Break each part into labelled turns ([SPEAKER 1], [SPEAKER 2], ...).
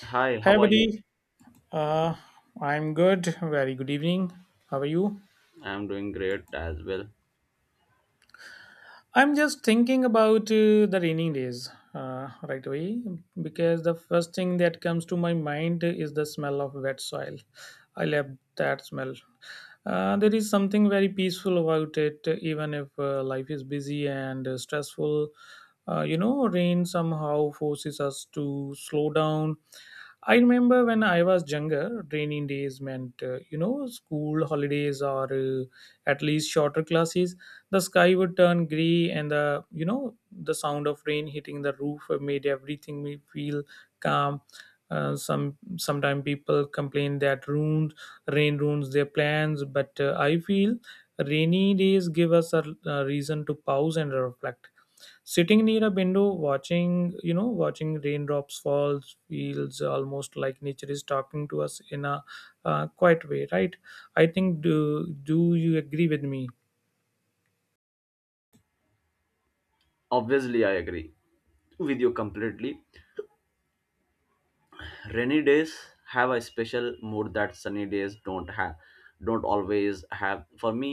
[SPEAKER 1] Hi,
[SPEAKER 2] Hi,
[SPEAKER 1] how are you?
[SPEAKER 2] buddy. Uh, I'm good. Very good evening. How are you?
[SPEAKER 1] I'm doing great as well.
[SPEAKER 2] I'm just thinking about the rainy days right away because the first thing that comes to my mind is the smell of wet soil. I love that smell. There is something very peaceful about it, even if life is busy and stressful. Rain somehow forces us to slow down. I remember when I was younger, rainy days meant, school holidays or at least shorter classes. The sky would turn gray, and the you know the sound of rain hitting the roof made everything me feel calm. Sometimes people complain that ruins rain ruins their plans, but I feel rainy days give us a reason to pause and reflect. Sitting near a window watching, watching raindrops fall, feels almost like nature is talking to us in a quiet way, right? I think do do you agree with me?
[SPEAKER 1] Obviously, I agree with you completely. Rainy days have a special mood that sunny days don't have don't always have for me.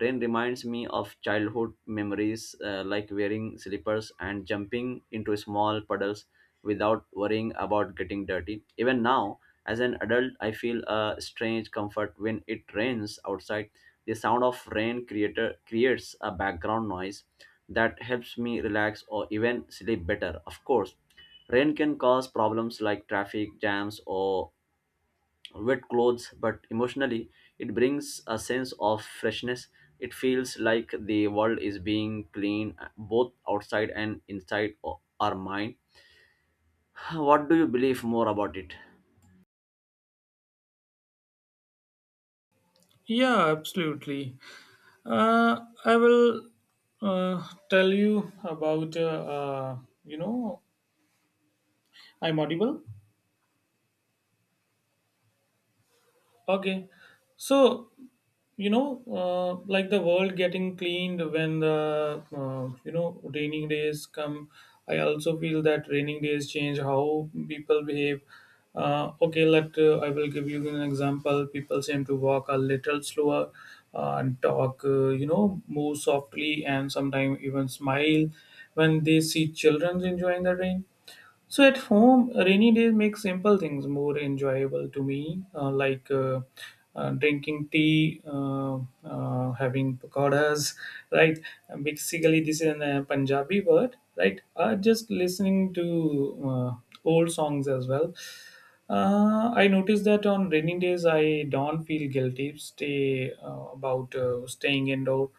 [SPEAKER 1] Rain reminds me of childhood memories, like wearing slippers and jumping into small puddles without worrying about getting dirty. Even now, as an adult, I feel a strange comfort when it rains outside. The sound of rain creator creates a background noise that helps me relax or even sleep better. Of course, rain can cause problems like traffic jams or wet clothes, but emotionally, it brings a sense of freshness. It feels like the world is being cleaned, both outside and inside our mind. What do you believe more about it?
[SPEAKER 2] Yeah, absolutely. I will uh, tell you about, you know, I'm audible. Okay. So, like the world getting cleaned when the raining days come, I also feel that raining days change how people behave. Okay let I will give you an example. People seem to walk a little slower and talk, move softly, and sometimes even smile when they see children enjoying the rain. So at home, rainy days make simple things more enjoyable to me, drinking tea, having pakoras, right? Basically, this is a Punjabi word, right? Just listening to old songs as well. I noticed that on rainy days, I don't feel guilty stay about staying indoor.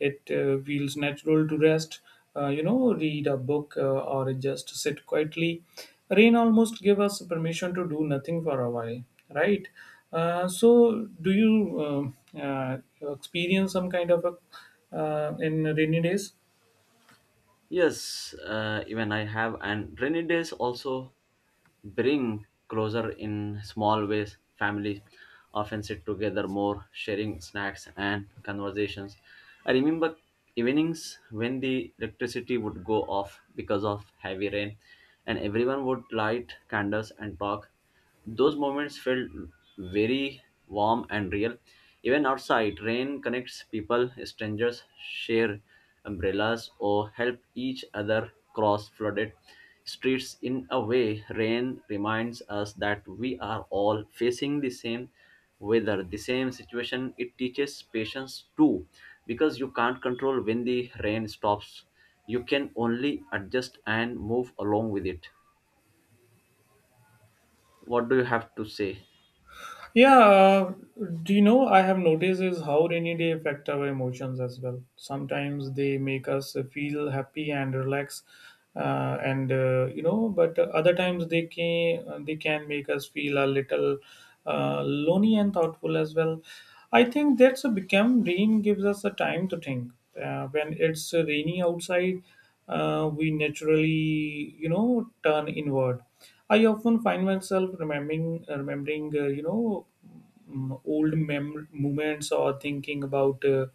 [SPEAKER 2] It feels natural to rest, read a book, or just sit quietly. Rain almost gave us permission to do nothing for a while, right? So, do you uh, uh, experience some kind of a in rainy days?
[SPEAKER 1] Yes, even I have, and rainy days also bring closer in small ways. Families often sit together more, sharing snacks and conversations. I remember evenings when the electricity would go off because of heavy rain, and everyone would light candles and talk. Those moments felt very warm and real. Even outside, rain connects people, strangers share umbrellas or help each other cross flooded streets. In a way, rain reminds us that we are all facing the same weather, the same situation. It teaches patience too, because you can't control when the rain stops. You can only adjust and move along with it. What do you have to say?
[SPEAKER 2] Yeah, do you know I have noticed is how rainy day affect our emotions as well. Sometimes they make us feel happy and relaxed, and, but other times they can make us feel a little lonely and thoughtful as well. I think that's a become rain gives us a time to think. When it's rainy outside, we naturally, turn inward. I often find myself remembering remembering you know mm, old mem- moments, or thinking about uh,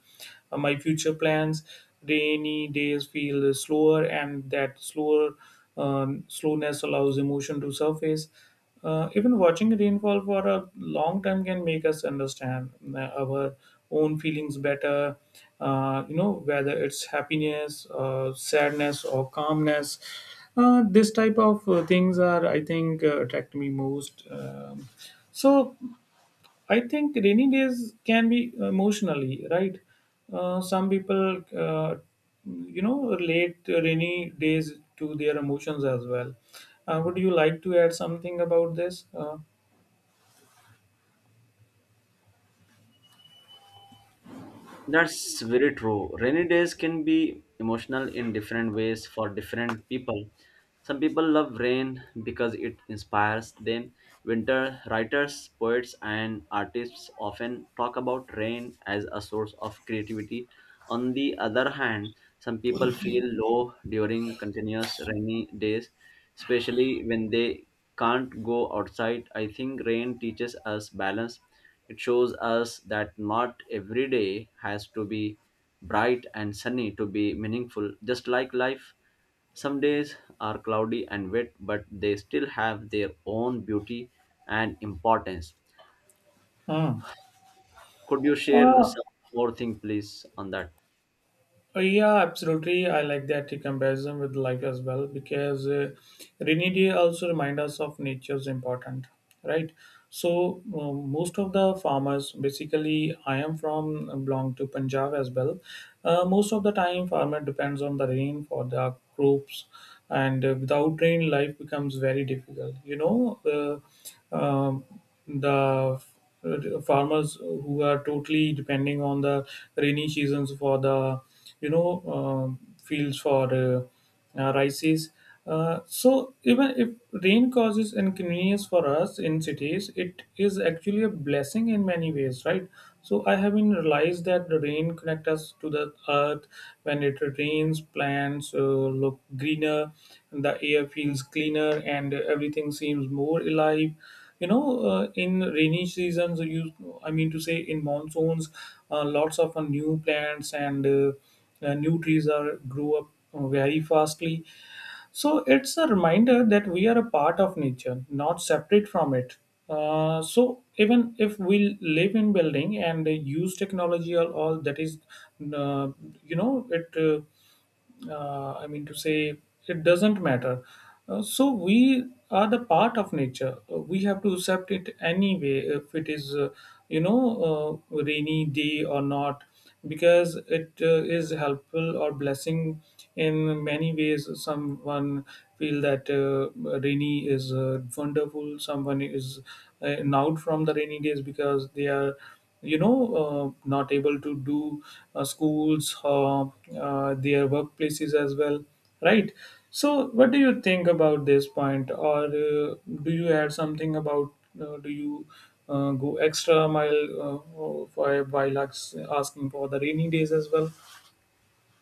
[SPEAKER 2] uh, my future plans. Rainy days feel slower, and that slower slowness allows emotion to surface. Even watching rainfall for a long time can make us understand our own feelings better. Whether it's happiness, sadness, or calmness. This type of things are, I think, attract me most. So, I think rainy days can be emotionally right. Some people, relate rainy days to their emotions as well. Would you like to add something about this?
[SPEAKER 1] That's very true. Rainy days can be emotional in different ways for different people. Some people love rain because it inspires them. Winter writers, poets, and artists often talk about rain as a source of creativity. On the other hand, some people feel low during continuous rainy days, especially when they can't go outside. I think rain teaches us balance. It shows us that not every day has to be bright and sunny to be meaningful. Just like life, some days are cloudy and wet, but they still have their own beauty and importance.
[SPEAKER 2] Hmm.
[SPEAKER 1] Could you share
[SPEAKER 2] uh,
[SPEAKER 1] some more thing, please, on that?
[SPEAKER 2] Yeah, absolutely. I like that comparison with life as well, because rainy day also remind us of nature's important, right? So, most of the farmers, basically, I am from belong to Punjab as well. Most of the time, farmer depends on the rain for their crops, and without rain, life becomes very difficult. You know, the farmers who are totally depending on the rainy seasons for the, you know fields for rices. So even if rain causes inconvenience for us in cities, it is actually a blessing in many ways, right? So I have been realized that the rain connect us to the earth. When it rains, plants look greener, the air feels cleaner, and everything seems more alive. You know, in rainy seasons, you, I mean to say in monsoons, lots of new plants and new trees are grew up very fastly. So it's a reminder that we are a part of nature, not separate from it. So even if we live in building and use technology or all that is, uh, it. I mean to say, it doesn't matter. So we are the part of nature. We have to accept it anyway, if it is, rainy day or not, because it is helpful or blessing in many ways. Someone feel that rainy is wonderful. Someone is out from the rainy days because they are, you know not able to do schools, their workplaces as well, right? So what do you think about this point, or do you add something about do you go extra mile for while asking for the rainy days as well?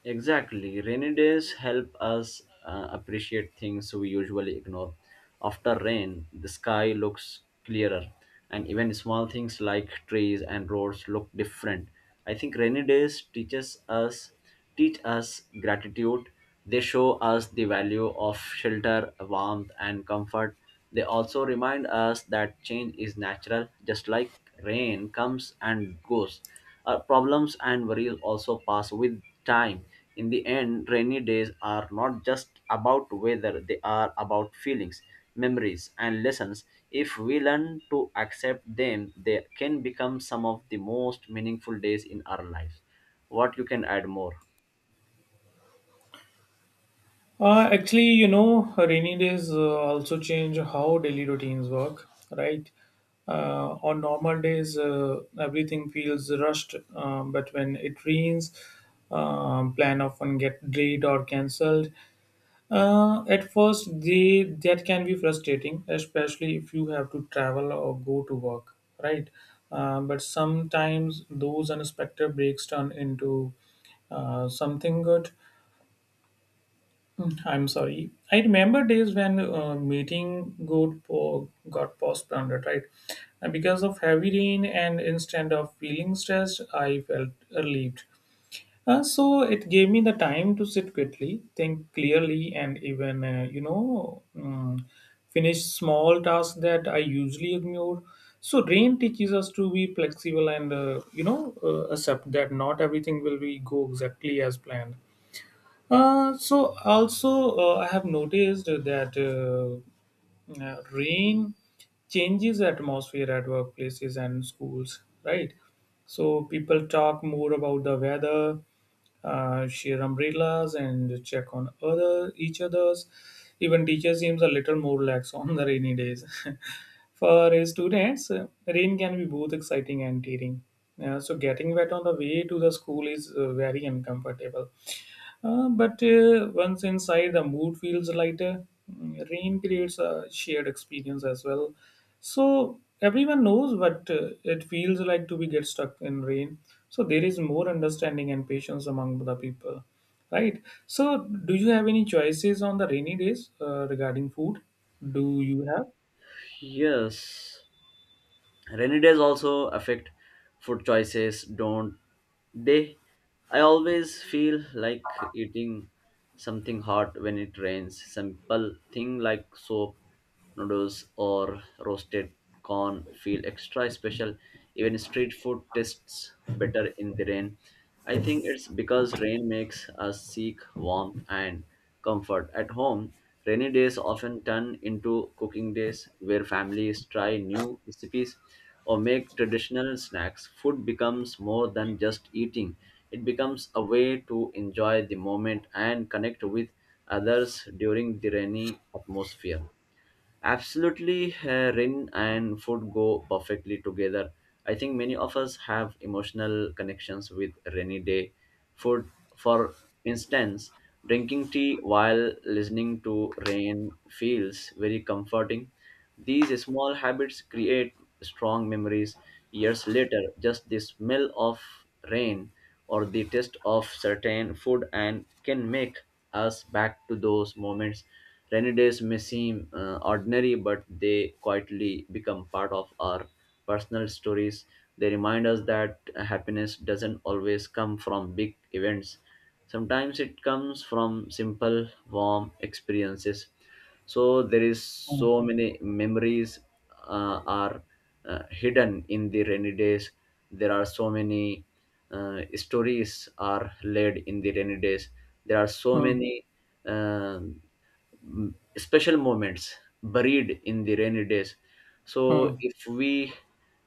[SPEAKER 1] Exactly. Rainy days help us appreciate things we usually ignore. After rain, the sky looks clearer, and even small things like trees and roads look different. I think rainy days teach us gratitude. They show us the value of shelter, warmth, and comfort. They also remind us that change is natural, just like rain comes and goes. Our problems and worries also pass with time. In the end, rainy days are not just about weather, they are about feelings, memories, and lessons. If we learn to accept them, they can become some of the most meaningful days in our lives. What you can add more?
[SPEAKER 2] Actually, you know, rainy days also change how daily routines work, right? On normal days, everything feels rushed, but when it rains, plan often get delayed or cancelled. At first, they that can be frustrating, especially if you have to travel or go to work, right? But sometimes those unexpected breaks turn into something good. Mm, I'm sorry. I remember days when meeting got postponed, right? And because of heavy rain, and instead of feeling stressed, I felt relieved. So it gave me the time to sit quickly, think clearly, and even, finish small tasks that I usually ignore. So rain teaches us to be flexible and, accept that not everything will be go exactly as planned. So also I have noticed that rain changes the atmosphere at workplaces and schools, right? So people talk more about the weather, share umbrellas, and check on other each others. Even teacher seems a little more lax on the rainy days. For students, rain can be both exciting and tiring. So getting wet on the way to the school is very uncomfortable, but once inside, the mood feels lighter. Mm, rain creates a shared experience as well. So everyone knows what it feels like to be get stuck in rain. So there is more understanding and patience among the people, right? So do you have any choices on the rainy days regarding food? Do you have?
[SPEAKER 1] Yes. Rainy days also affect food choices, don't they? I always feel like eating something hot when it rains. Simple thing like soap noodles or roasted corn feel extra special. Even street food tastes better in the rain. I think it's because rain makes us seek warmth and comfort. At home, rainy days often turn into cooking days where families try new recipes or make traditional snacks. Food becomes more than just eating, it becomes a way to enjoy the moment and connect with others during the rainy atmosphere. Absolutely, Rin and food go perfectly together. I think many of us have emotional connections with rainy day food. For instance, drinking tea while listening to rain feels very comforting. These small habits create strong memories years later. Just the smell of rain or the taste of certain food and can make us back to those moments. Rainy days may seem ordinary, but they quietly become part of our personal stories. They remind us that happiness doesn't always come from big events. Sometimes it comes from simple, warm experiences. So there is
[SPEAKER 2] Hmm.
[SPEAKER 1] so many memories are hidden in the rainy days. There are so many stories are laid in the rainy days. There are so
[SPEAKER 2] Hmm.
[SPEAKER 1] many uh, special moments buried in the rainy days. So
[SPEAKER 2] Hmm.
[SPEAKER 1] if we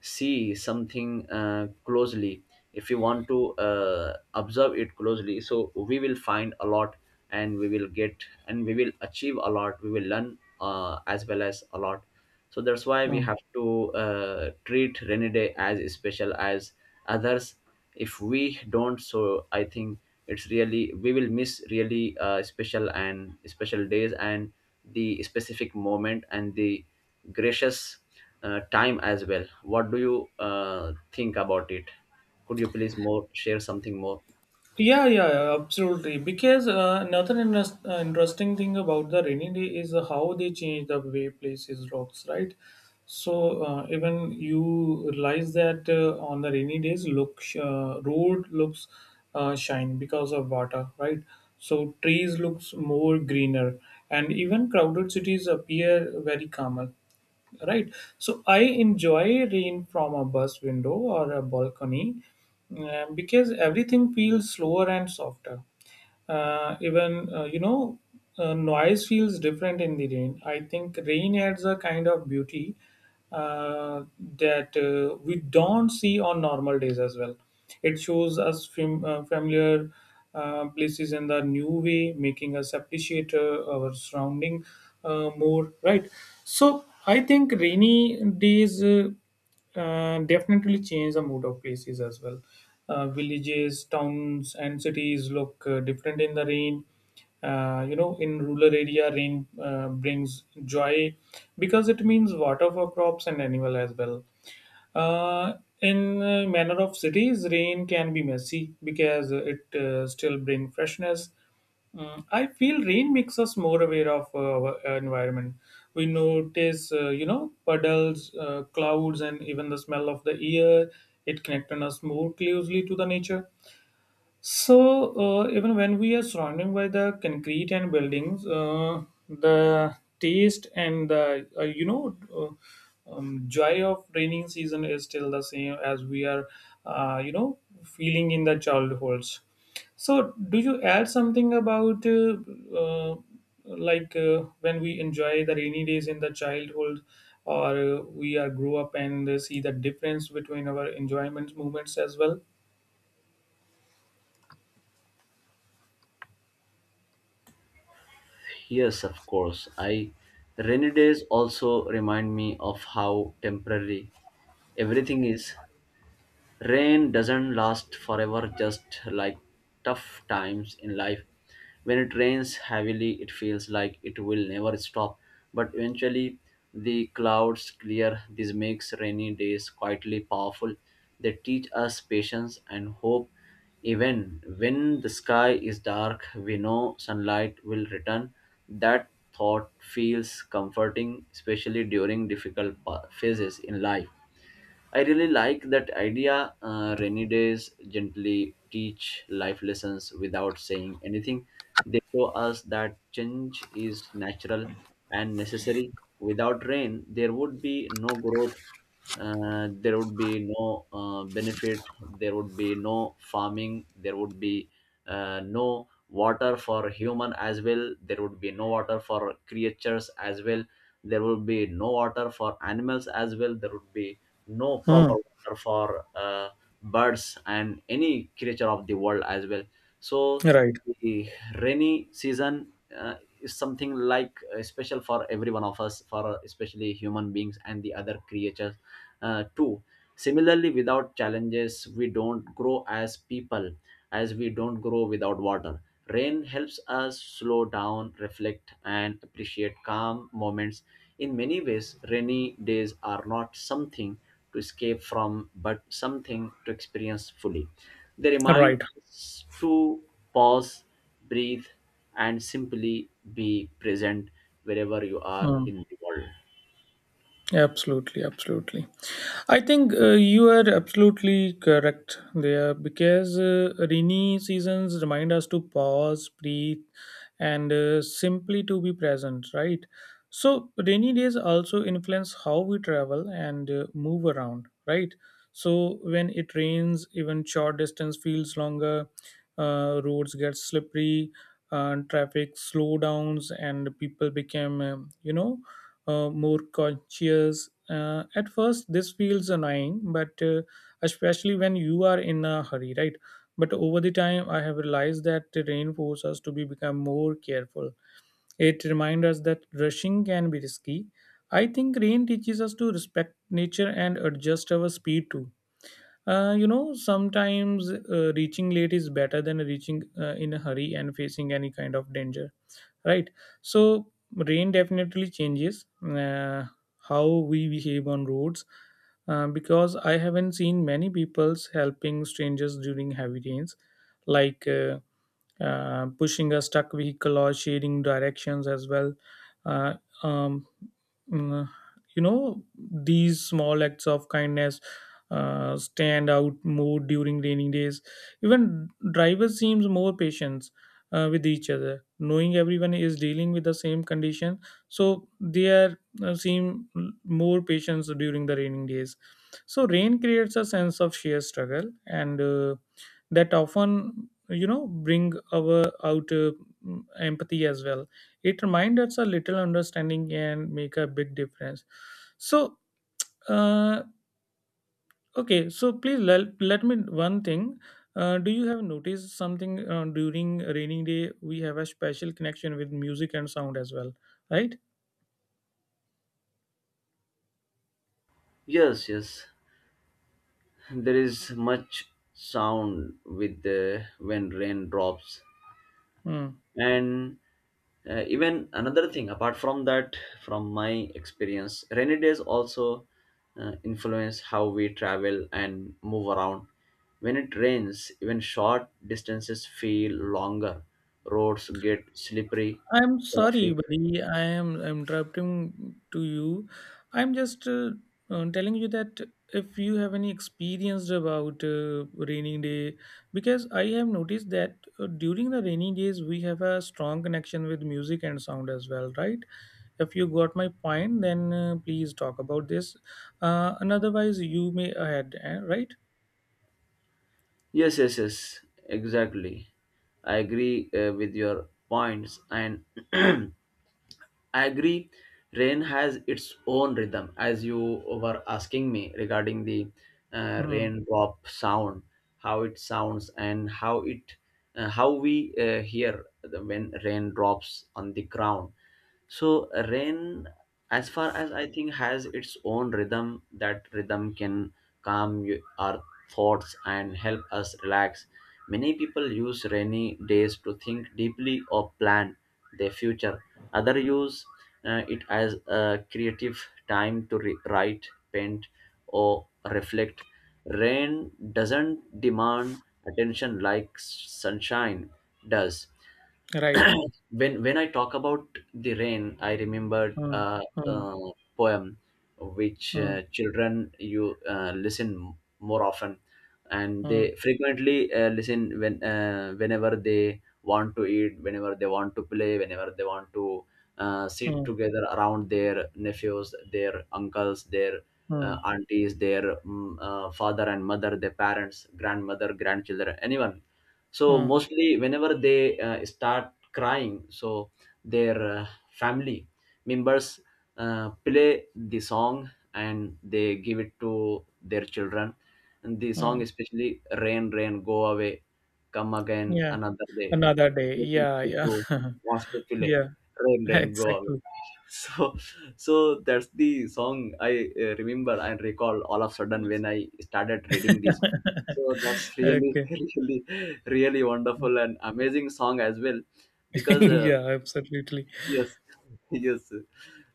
[SPEAKER 1] see something closely, if we want to observe it closely, so we will find a lot, and we will achieve a lot, we will learn, as well as a lot. So that's why we
[SPEAKER 2] Hmm.
[SPEAKER 1] have to treat rainy day as special as others. If we don't, so I think it's really, we will miss really special and special days, and the specific moment, and the gracious time as well. What do you think about it? Could you please more share something more?
[SPEAKER 2] Yeah, yeah, yeah, absolutely. Because another interesting thing about the rainy day is how they change the way places rocks, right? So even you realize that on the rainy days, look, road looks shine because of water, right? So trees looks more greener, and even crowded cities appear very calmer, right? So I enjoy rain from a bus window or a balcony, because everything feels slower and softer. Even you know Noise feels different in the rain. I think rain adds a kind of beauty uh, that we don't see on normal days as well. It shows us familiar places in the new way, making us appreciate our surrounding more. Right. So I think rainy days definitely change the mood of places as well. Villages, towns, and cities look different in the rain. In rural area, rain brings joy because it means water for crops and animal as well. Uh, in uh, manner of cities, rain can be messy because it still bring freshness. Mm, I feel rain makes us more aware of our environment. We notice, puddles, clouds, and even the smell of the air. It connects us more closely to the nature. So, even when we are surrounded by the concrete and buildings, the taste and the, joy of raining season is still the same as we are, feeling in the childhoods. So, do you add something about, uh, when we enjoy the rainy days in the childhood, or we are grow up and see the difference between our enjoyment moments as well?
[SPEAKER 1] Yes, of course. I rainy days also remind me of how temporary everything is. Rain doesn't last forever, just like tough times in life. When it rains heavily, it feels like it will never stop, but eventually the clouds clear. This makes rainy days quietly powerful. They teach us patience and hope. Even when the sky is dark, we know sunlight will return. That thought feels comforting, especially during difficult phases in life. I really like that idea. Rainy days gently teach life lessons without saying anything. They show us that change is natural and necessary. Without rain, there would be no growth, there would be no benefit, there would be no farming, there would be no water for human as well, there would be no water for creatures as well, there would be no water for animals as well, there would be no proper
[SPEAKER 2] Hmm.
[SPEAKER 1] water for birds and any creature of the world as well. So
[SPEAKER 2] Right,
[SPEAKER 1] the rainy season uh, is something like special for every one of us, for especially human beings and the other creatures too. Similarly, without challenges we don't grow as people, as we don't grow without water. Rain helps us slow down, reflect, and appreciate calm moments. In many ways, rainy days are not something to escape from, but something to experience fully. They remind
[SPEAKER 2] right.
[SPEAKER 1] us to pause, breathe, and simply be present wherever you are
[SPEAKER 2] Mm,
[SPEAKER 1] in the world.
[SPEAKER 2] absolutely, absolutely. I think you are absolutely correct there, because rainy seasons remind us to pause, breathe, and simply to be present, right? So, rainy days also influence how we travel and move around, right? So, when it rains, even short distance feels longer, roads get slippery, traffic slow downs, and people become, more conscious. At first, this feels annoying, but especially when you are in a hurry, right? But over the time, I have realized that the rain forces us to be become more careful. It reminds us that rushing can be risky. I think rain teaches us to respect nature and adjust our speed too. Sometimes reaching late is better than reaching in a hurry and facing any kind of danger, right? So rain definitely changes uh, how we behave on roads, because I haven't seen many people's helping strangers during heavy rains, like pushing a stuck vehicle or sharing directions as well. uh, um, mm, you know these small acts of kindness stand out more during rainy days. Even drivers seems more patient with each other, knowing everyone is dealing with the same condition. So they are seem more patients during the raining days. So rain creates a sense of sheer struggle and that often bring our out empathy as well. It reminds us a little understanding and make a big difference. so uh, Okay, so please let me one thing. Do you have noticed something during raining day? We have a special connection with music and sound as well, right?
[SPEAKER 1] Yes, yes, there is much sound with the when rain drops,
[SPEAKER 2] Hmm.
[SPEAKER 1] and even another thing apart from that, from my experience, rainy days also influence how we travel and move around. When it rains, even short distances feel longer, roads get slippery,
[SPEAKER 2] I'm sorry,
[SPEAKER 1] traffic.
[SPEAKER 2] buddy. I am interrupting to you. I'm just telling you that if you have any experience about rainy day, because I have noticed that during the rainy days we have a strong connection with music and sound as well, right? If you got my point then please talk about this, and otherwise you may ahead eh, right.
[SPEAKER 1] Yes, yes, yes, exactly. I agree, with your points, and I agree. Rain has its own rhythm, as you were asking me regarding the
[SPEAKER 2] Mm.
[SPEAKER 1] raindrop sound, how it sounds, and how it, how we hear the, when rain drops on the ground. So rain, as far as I think, has its own rhythm. That rhythm can calm our thoughts and help us relax. Many people use rainy days to think deeply or plan their future. Others use it as a creative time to write, paint, or reflect. Rain doesn't demand attention like sunshine does.
[SPEAKER 2] Right.
[SPEAKER 1] When I talk about the rain, I remember
[SPEAKER 2] Mm.
[SPEAKER 1] a,
[SPEAKER 2] Mm.
[SPEAKER 1] uh poem which
[SPEAKER 2] Mm.
[SPEAKER 1] children you listen more often, and
[SPEAKER 2] Mm.
[SPEAKER 1] they frequently listen when whenever they want to eat, whenever they want to play, whenever they want to sit
[SPEAKER 2] Mm.
[SPEAKER 1] together around their nephews, their uncles, their
[SPEAKER 2] Mm.
[SPEAKER 1] aunties, their father and mother, their parents, grandmother, grandchildren, anyone. So
[SPEAKER 2] Mm.
[SPEAKER 1] mostly whenever they start crying, so their uh, family members play the song and they give it to their children, and the song
[SPEAKER 2] Mm.
[SPEAKER 1] especially "Rain, Rain, Go Away, Come Again
[SPEAKER 2] Yeah,
[SPEAKER 1] Another Day,
[SPEAKER 2] another day, yeah,
[SPEAKER 1] she
[SPEAKER 2] yeah.
[SPEAKER 1] to wants to fillet,
[SPEAKER 2] yeah.
[SPEAKER 1] Rain, Rain, Go Away."
[SPEAKER 2] Exactly.
[SPEAKER 1] So so that's the song I remember and recall all of a sudden when I started reading this. So that's really
[SPEAKER 2] okay.
[SPEAKER 1] really really wonderful and amazing song as well, because
[SPEAKER 2] yeah, absolutely.
[SPEAKER 1] yes yes,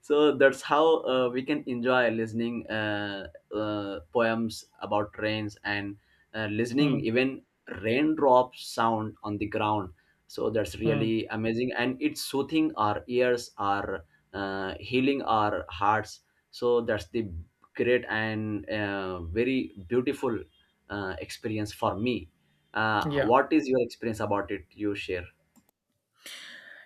[SPEAKER 1] so that's how we can enjoy listening poems about rains and listening
[SPEAKER 2] Mm.
[SPEAKER 1] even raindrops sound on the ground. So that's
[SPEAKER 2] Mm.
[SPEAKER 1] really amazing and it's soothing our ears, our healing our hearts. So that's the great and very beautiful experience for me. Uh,
[SPEAKER 2] Yeah.
[SPEAKER 1] what is your experience about it? You share.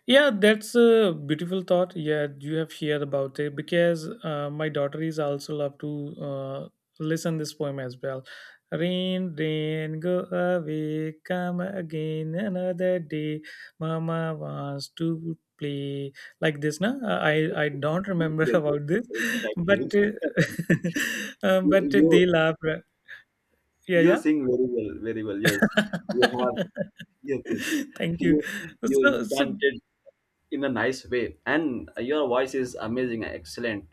[SPEAKER 2] Yeah, that's a beautiful thought. Yeah, you have shared about it because my daughter is also love to uh, listen this poem as well. Rain, rain, go away, come again another day. Mama wants to play like this. No, I don't
[SPEAKER 1] Yes,
[SPEAKER 2] remember
[SPEAKER 1] yes, yes.
[SPEAKER 2] about this, but
[SPEAKER 1] Exactly.
[SPEAKER 2] but
[SPEAKER 1] You
[SPEAKER 2] they laugh. Yeah, yeah.
[SPEAKER 1] sing very well, very well. Yes, you have, yes, yes.
[SPEAKER 2] Thank you.
[SPEAKER 1] You
[SPEAKER 2] So.
[SPEAKER 1] enchanted in a nice way, and your voice is amazing, excellent.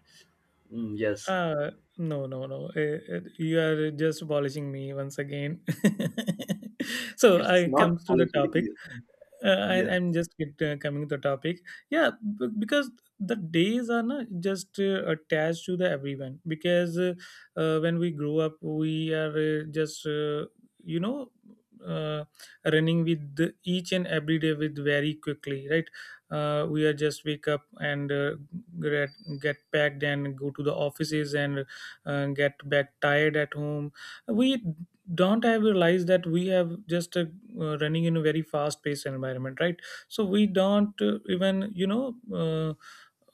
[SPEAKER 1] Mm, yes,
[SPEAKER 2] Uh, no, no, no. You are just polishing me once again. So
[SPEAKER 1] it's
[SPEAKER 2] I
[SPEAKER 1] not
[SPEAKER 2] comes to the
[SPEAKER 1] quality.
[SPEAKER 2] topic.
[SPEAKER 1] Yes,
[SPEAKER 2] I,
[SPEAKER 1] yeah,
[SPEAKER 2] I'm just coming to the topic. Yeah, because the days are not just attached to the everyone. Because when we grow up, we are just you know uh, running with the- each and every day with very quickly, right? We are just wake up and get, get packed and go to the offices and get back tired at home. We don't have realized that we have just running in a very fast paced environment, right? So we don't uh, even you know uh,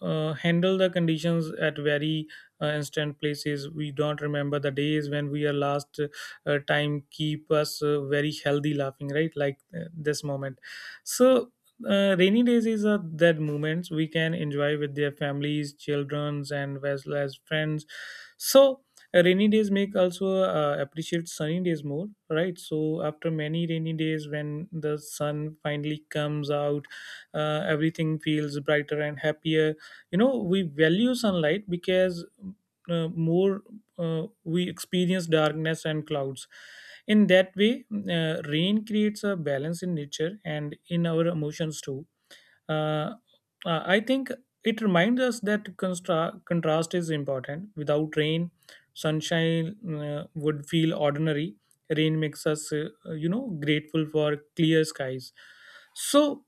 [SPEAKER 2] uh, handle the conditions at very instant places. We don't remember the days when we are last time keep us very healthy laughing, right, like this moment. So rainy days is that moments we can enjoy with their families, childrens, and as well as friends. So rainy days make also appreciate sunny days more, right? So after many rainy days, when the sun finally comes out, everything feels brighter and happier. You know, we value sunlight because more we experience darkness and clouds. In that way, rain creates a balance in nature and in our emotions too. uh, I think it reminds us that contrast is important. Without rain, sunshine would feel ordinary. Rain makes us, grateful for clear skies. So,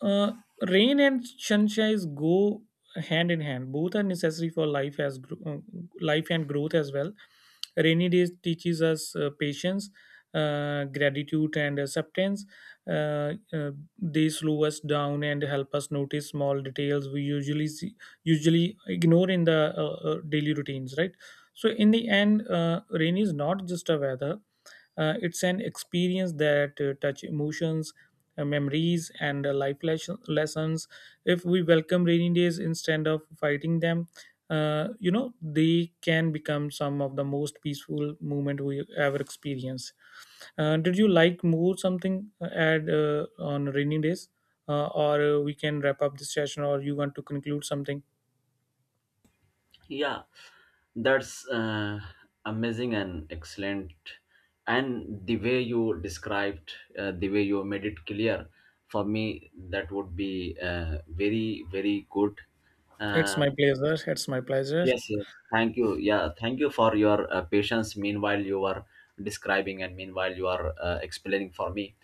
[SPEAKER 2] uh, rain and sunshine go hand in hand. Both are necessary for life as life and growth as well. Rainy days teaches us patience, gratitude, and acceptance. uh, uh, they slow us down and help us notice small details we usually see, usually ignore in the daily routines, right? So in the end, rain is not just a weather. It's an experience that touch emotions, memories, and lessons. If we welcome rainy days instead of fighting them, they can become some of the most peaceful moment we ever experience. Did you like more something add on rainy days, or we can wrap up this session, or you want to conclude something?
[SPEAKER 1] yeah. That's amazing and excellent, and the way you described, the way you made it clear, for me that would be very very good.
[SPEAKER 2] It's
[SPEAKER 1] Uh,
[SPEAKER 2] my pleasure. It's my pleasure.
[SPEAKER 1] Yes, yes. Thank you. Yeah, thank you for your patience. Meanwhile, you are describing, and meanwhile, you are explaining for me.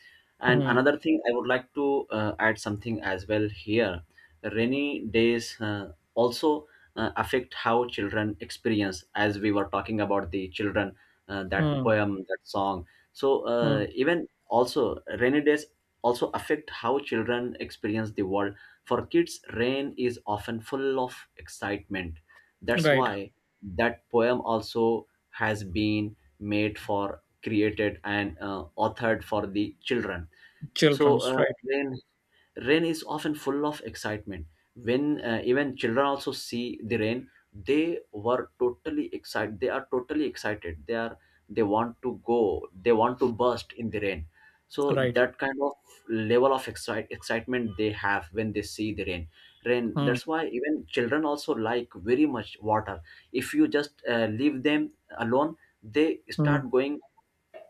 [SPEAKER 1] And
[SPEAKER 2] Mm.
[SPEAKER 1] another thing, I would like to add something as well here. Rainy days also affect how children experience, as we were talking about the children, that
[SPEAKER 2] Mm.
[SPEAKER 1] poem, that song. So,
[SPEAKER 2] Mm.
[SPEAKER 1] even also, rainy days also affect how children experience the world. For kids, rain is often full of excitement. That's
[SPEAKER 2] Right,
[SPEAKER 1] why that poem also has been made for created and authored for the children. So
[SPEAKER 2] children's. Right,
[SPEAKER 1] when rain is often full of excitement, when even children also see the rain, they were totally excited, they are totally excited, they are, they want to go, they want to burst in the rain. So
[SPEAKER 2] right.
[SPEAKER 1] that kind of level of excitement they have when they see the rain,
[SPEAKER 2] Mm.
[SPEAKER 1] that's why even children also like very much water. If you just leave them alone, they
[SPEAKER 2] Mm.
[SPEAKER 1] start going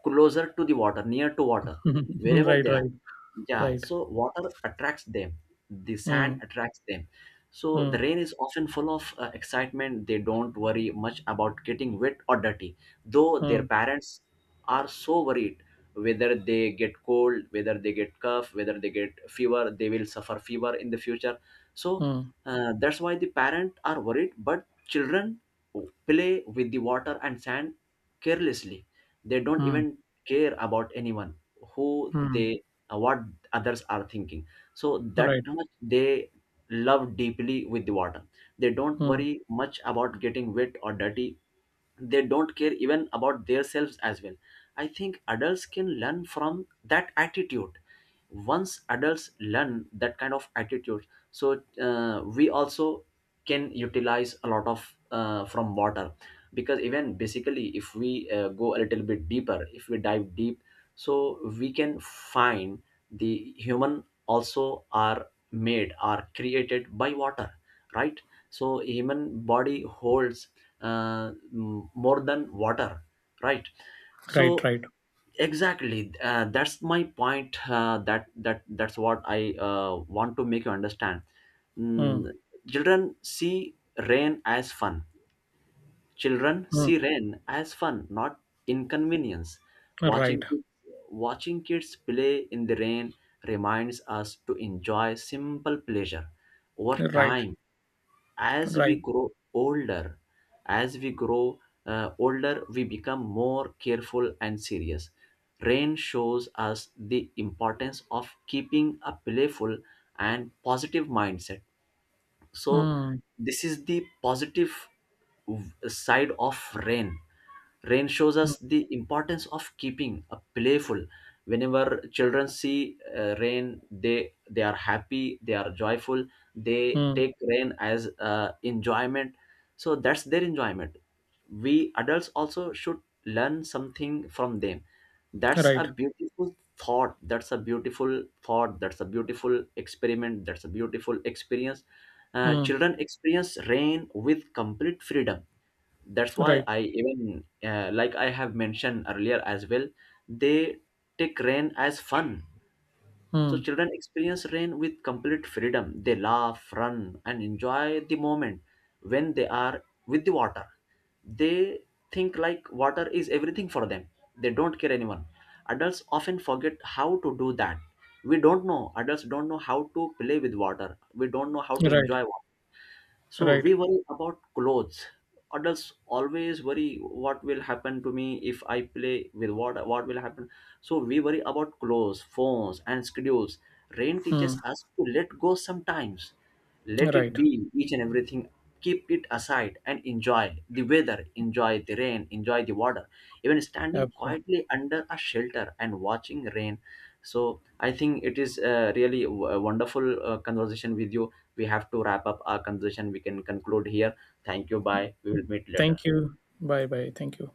[SPEAKER 1] closer to the water, near to water, wherever
[SPEAKER 2] right,
[SPEAKER 1] they are.
[SPEAKER 2] right,
[SPEAKER 1] Yeah,
[SPEAKER 2] right.
[SPEAKER 1] so water attracts them. The sand
[SPEAKER 2] Mm.
[SPEAKER 1] attracts them. So the
[SPEAKER 2] Mm.
[SPEAKER 1] rain is often full of excitement. They don't worry much about getting wet or dirty, though their
[SPEAKER 2] Mm.
[SPEAKER 1] parents are so worried whether they get cold, whether they get cough, whether they get fever, they will suffer fever in the future. So
[SPEAKER 2] Mm.
[SPEAKER 1] that's why the parents are worried, but children play with the water and sand carelessly. They don't
[SPEAKER 2] Mm.
[SPEAKER 1] even care about anyone, who
[SPEAKER 2] Mm.
[SPEAKER 1] they, what others are thinking. So that
[SPEAKER 2] Right.
[SPEAKER 1] much they love deeply with the water. They don't
[SPEAKER 2] Mm.
[SPEAKER 1] worry much about getting wet or dirty, they don't care even about themselves as well. I think adults can learn from that attitude. Once adults learn that kind of attitude, so we also can utilize a lot of from water, because even basically if we go a little bit deeper, if we dive deep, so we can find the human also are made, are created by water, right? So human body holds more than water, right?
[SPEAKER 2] Right,
[SPEAKER 1] So
[SPEAKER 2] right.
[SPEAKER 1] exactly, that's my point, that that's what I want to make you understand. Mm,
[SPEAKER 2] Mm.
[SPEAKER 1] children see rain as fun. Children
[SPEAKER 2] Mm.
[SPEAKER 1] see rain as fun, not inconvenience. watching
[SPEAKER 2] Right,
[SPEAKER 1] kids, Watching kids play in the rain reminds us to enjoy simple pleasure. Over
[SPEAKER 2] right,
[SPEAKER 1] time, as we
[SPEAKER 2] right.
[SPEAKER 1] grow older, as we grow older, we become more careful and serious. Rain shows us the importance of keeping a playful and positive mindset. So
[SPEAKER 2] Mm.
[SPEAKER 1] this is the positive side of rain. Rain shows
[SPEAKER 2] Mm.
[SPEAKER 1] us the importance of keeping a playful. Whenever children see rain, they are happy, they are joyful, they
[SPEAKER 2] Mm.
[SPEAKER 1] take rain as enjoyment. So that's their enjoyment. We adults also should learn something from them. That's a
[SPEAKER 2] Right.
[SPEAKER 1] beautiful thought. That's a beautiful thought. That's a beautiful experiment. That's a beautiful experience.
[SPEAKER 2] Mm.
[SPEAKER 1] Children experience rain with complete freedom. That's why
[SPEAKER 2] Right.
[SPEAKER 1] I even, like I have mentioned earlier as well, they take rain as fun. So
[SPEAKER 2] Mm.
[SPEAKER 1] children experience rain with complete freedom. They laugh, run and enjoy the moment. When they are with the water, they think like water is everything for them. They don't care anyone. Adults often forget how to do that. We don't know, adults don't know how to play with water, we don't know how to
[SPEAKER 2] Right.
[SPEAKER 1] enjoy. So
[SPEAKER 2] Right.
[SPEAKER 1] we worry about clothes. Adults always worry what will happen to me if I play with, what will happen. So we worry about clothes, phones, and schedules. Rain
[SPEAKER 2] Hmm.
[SPEAKER 1] teaches us to let go sometimes. Let it
[SPEAKER 2] Right.
[SPEAKER 1] be each and everything. Keep it aside and enjoy the weather, enjoy the rain, enjoy the water. Even standing
[SPEAKER 2] Absolutely.
[SPEAKER 1] quietly under a shelter and watching rain. So I think it is really a wonderful conversation with you. We have to wrap up our conversation. We can conclude here. Thank you. Bye. We will meet later.
[SPEAKER 2] Thank you. Bye bye. Thank you.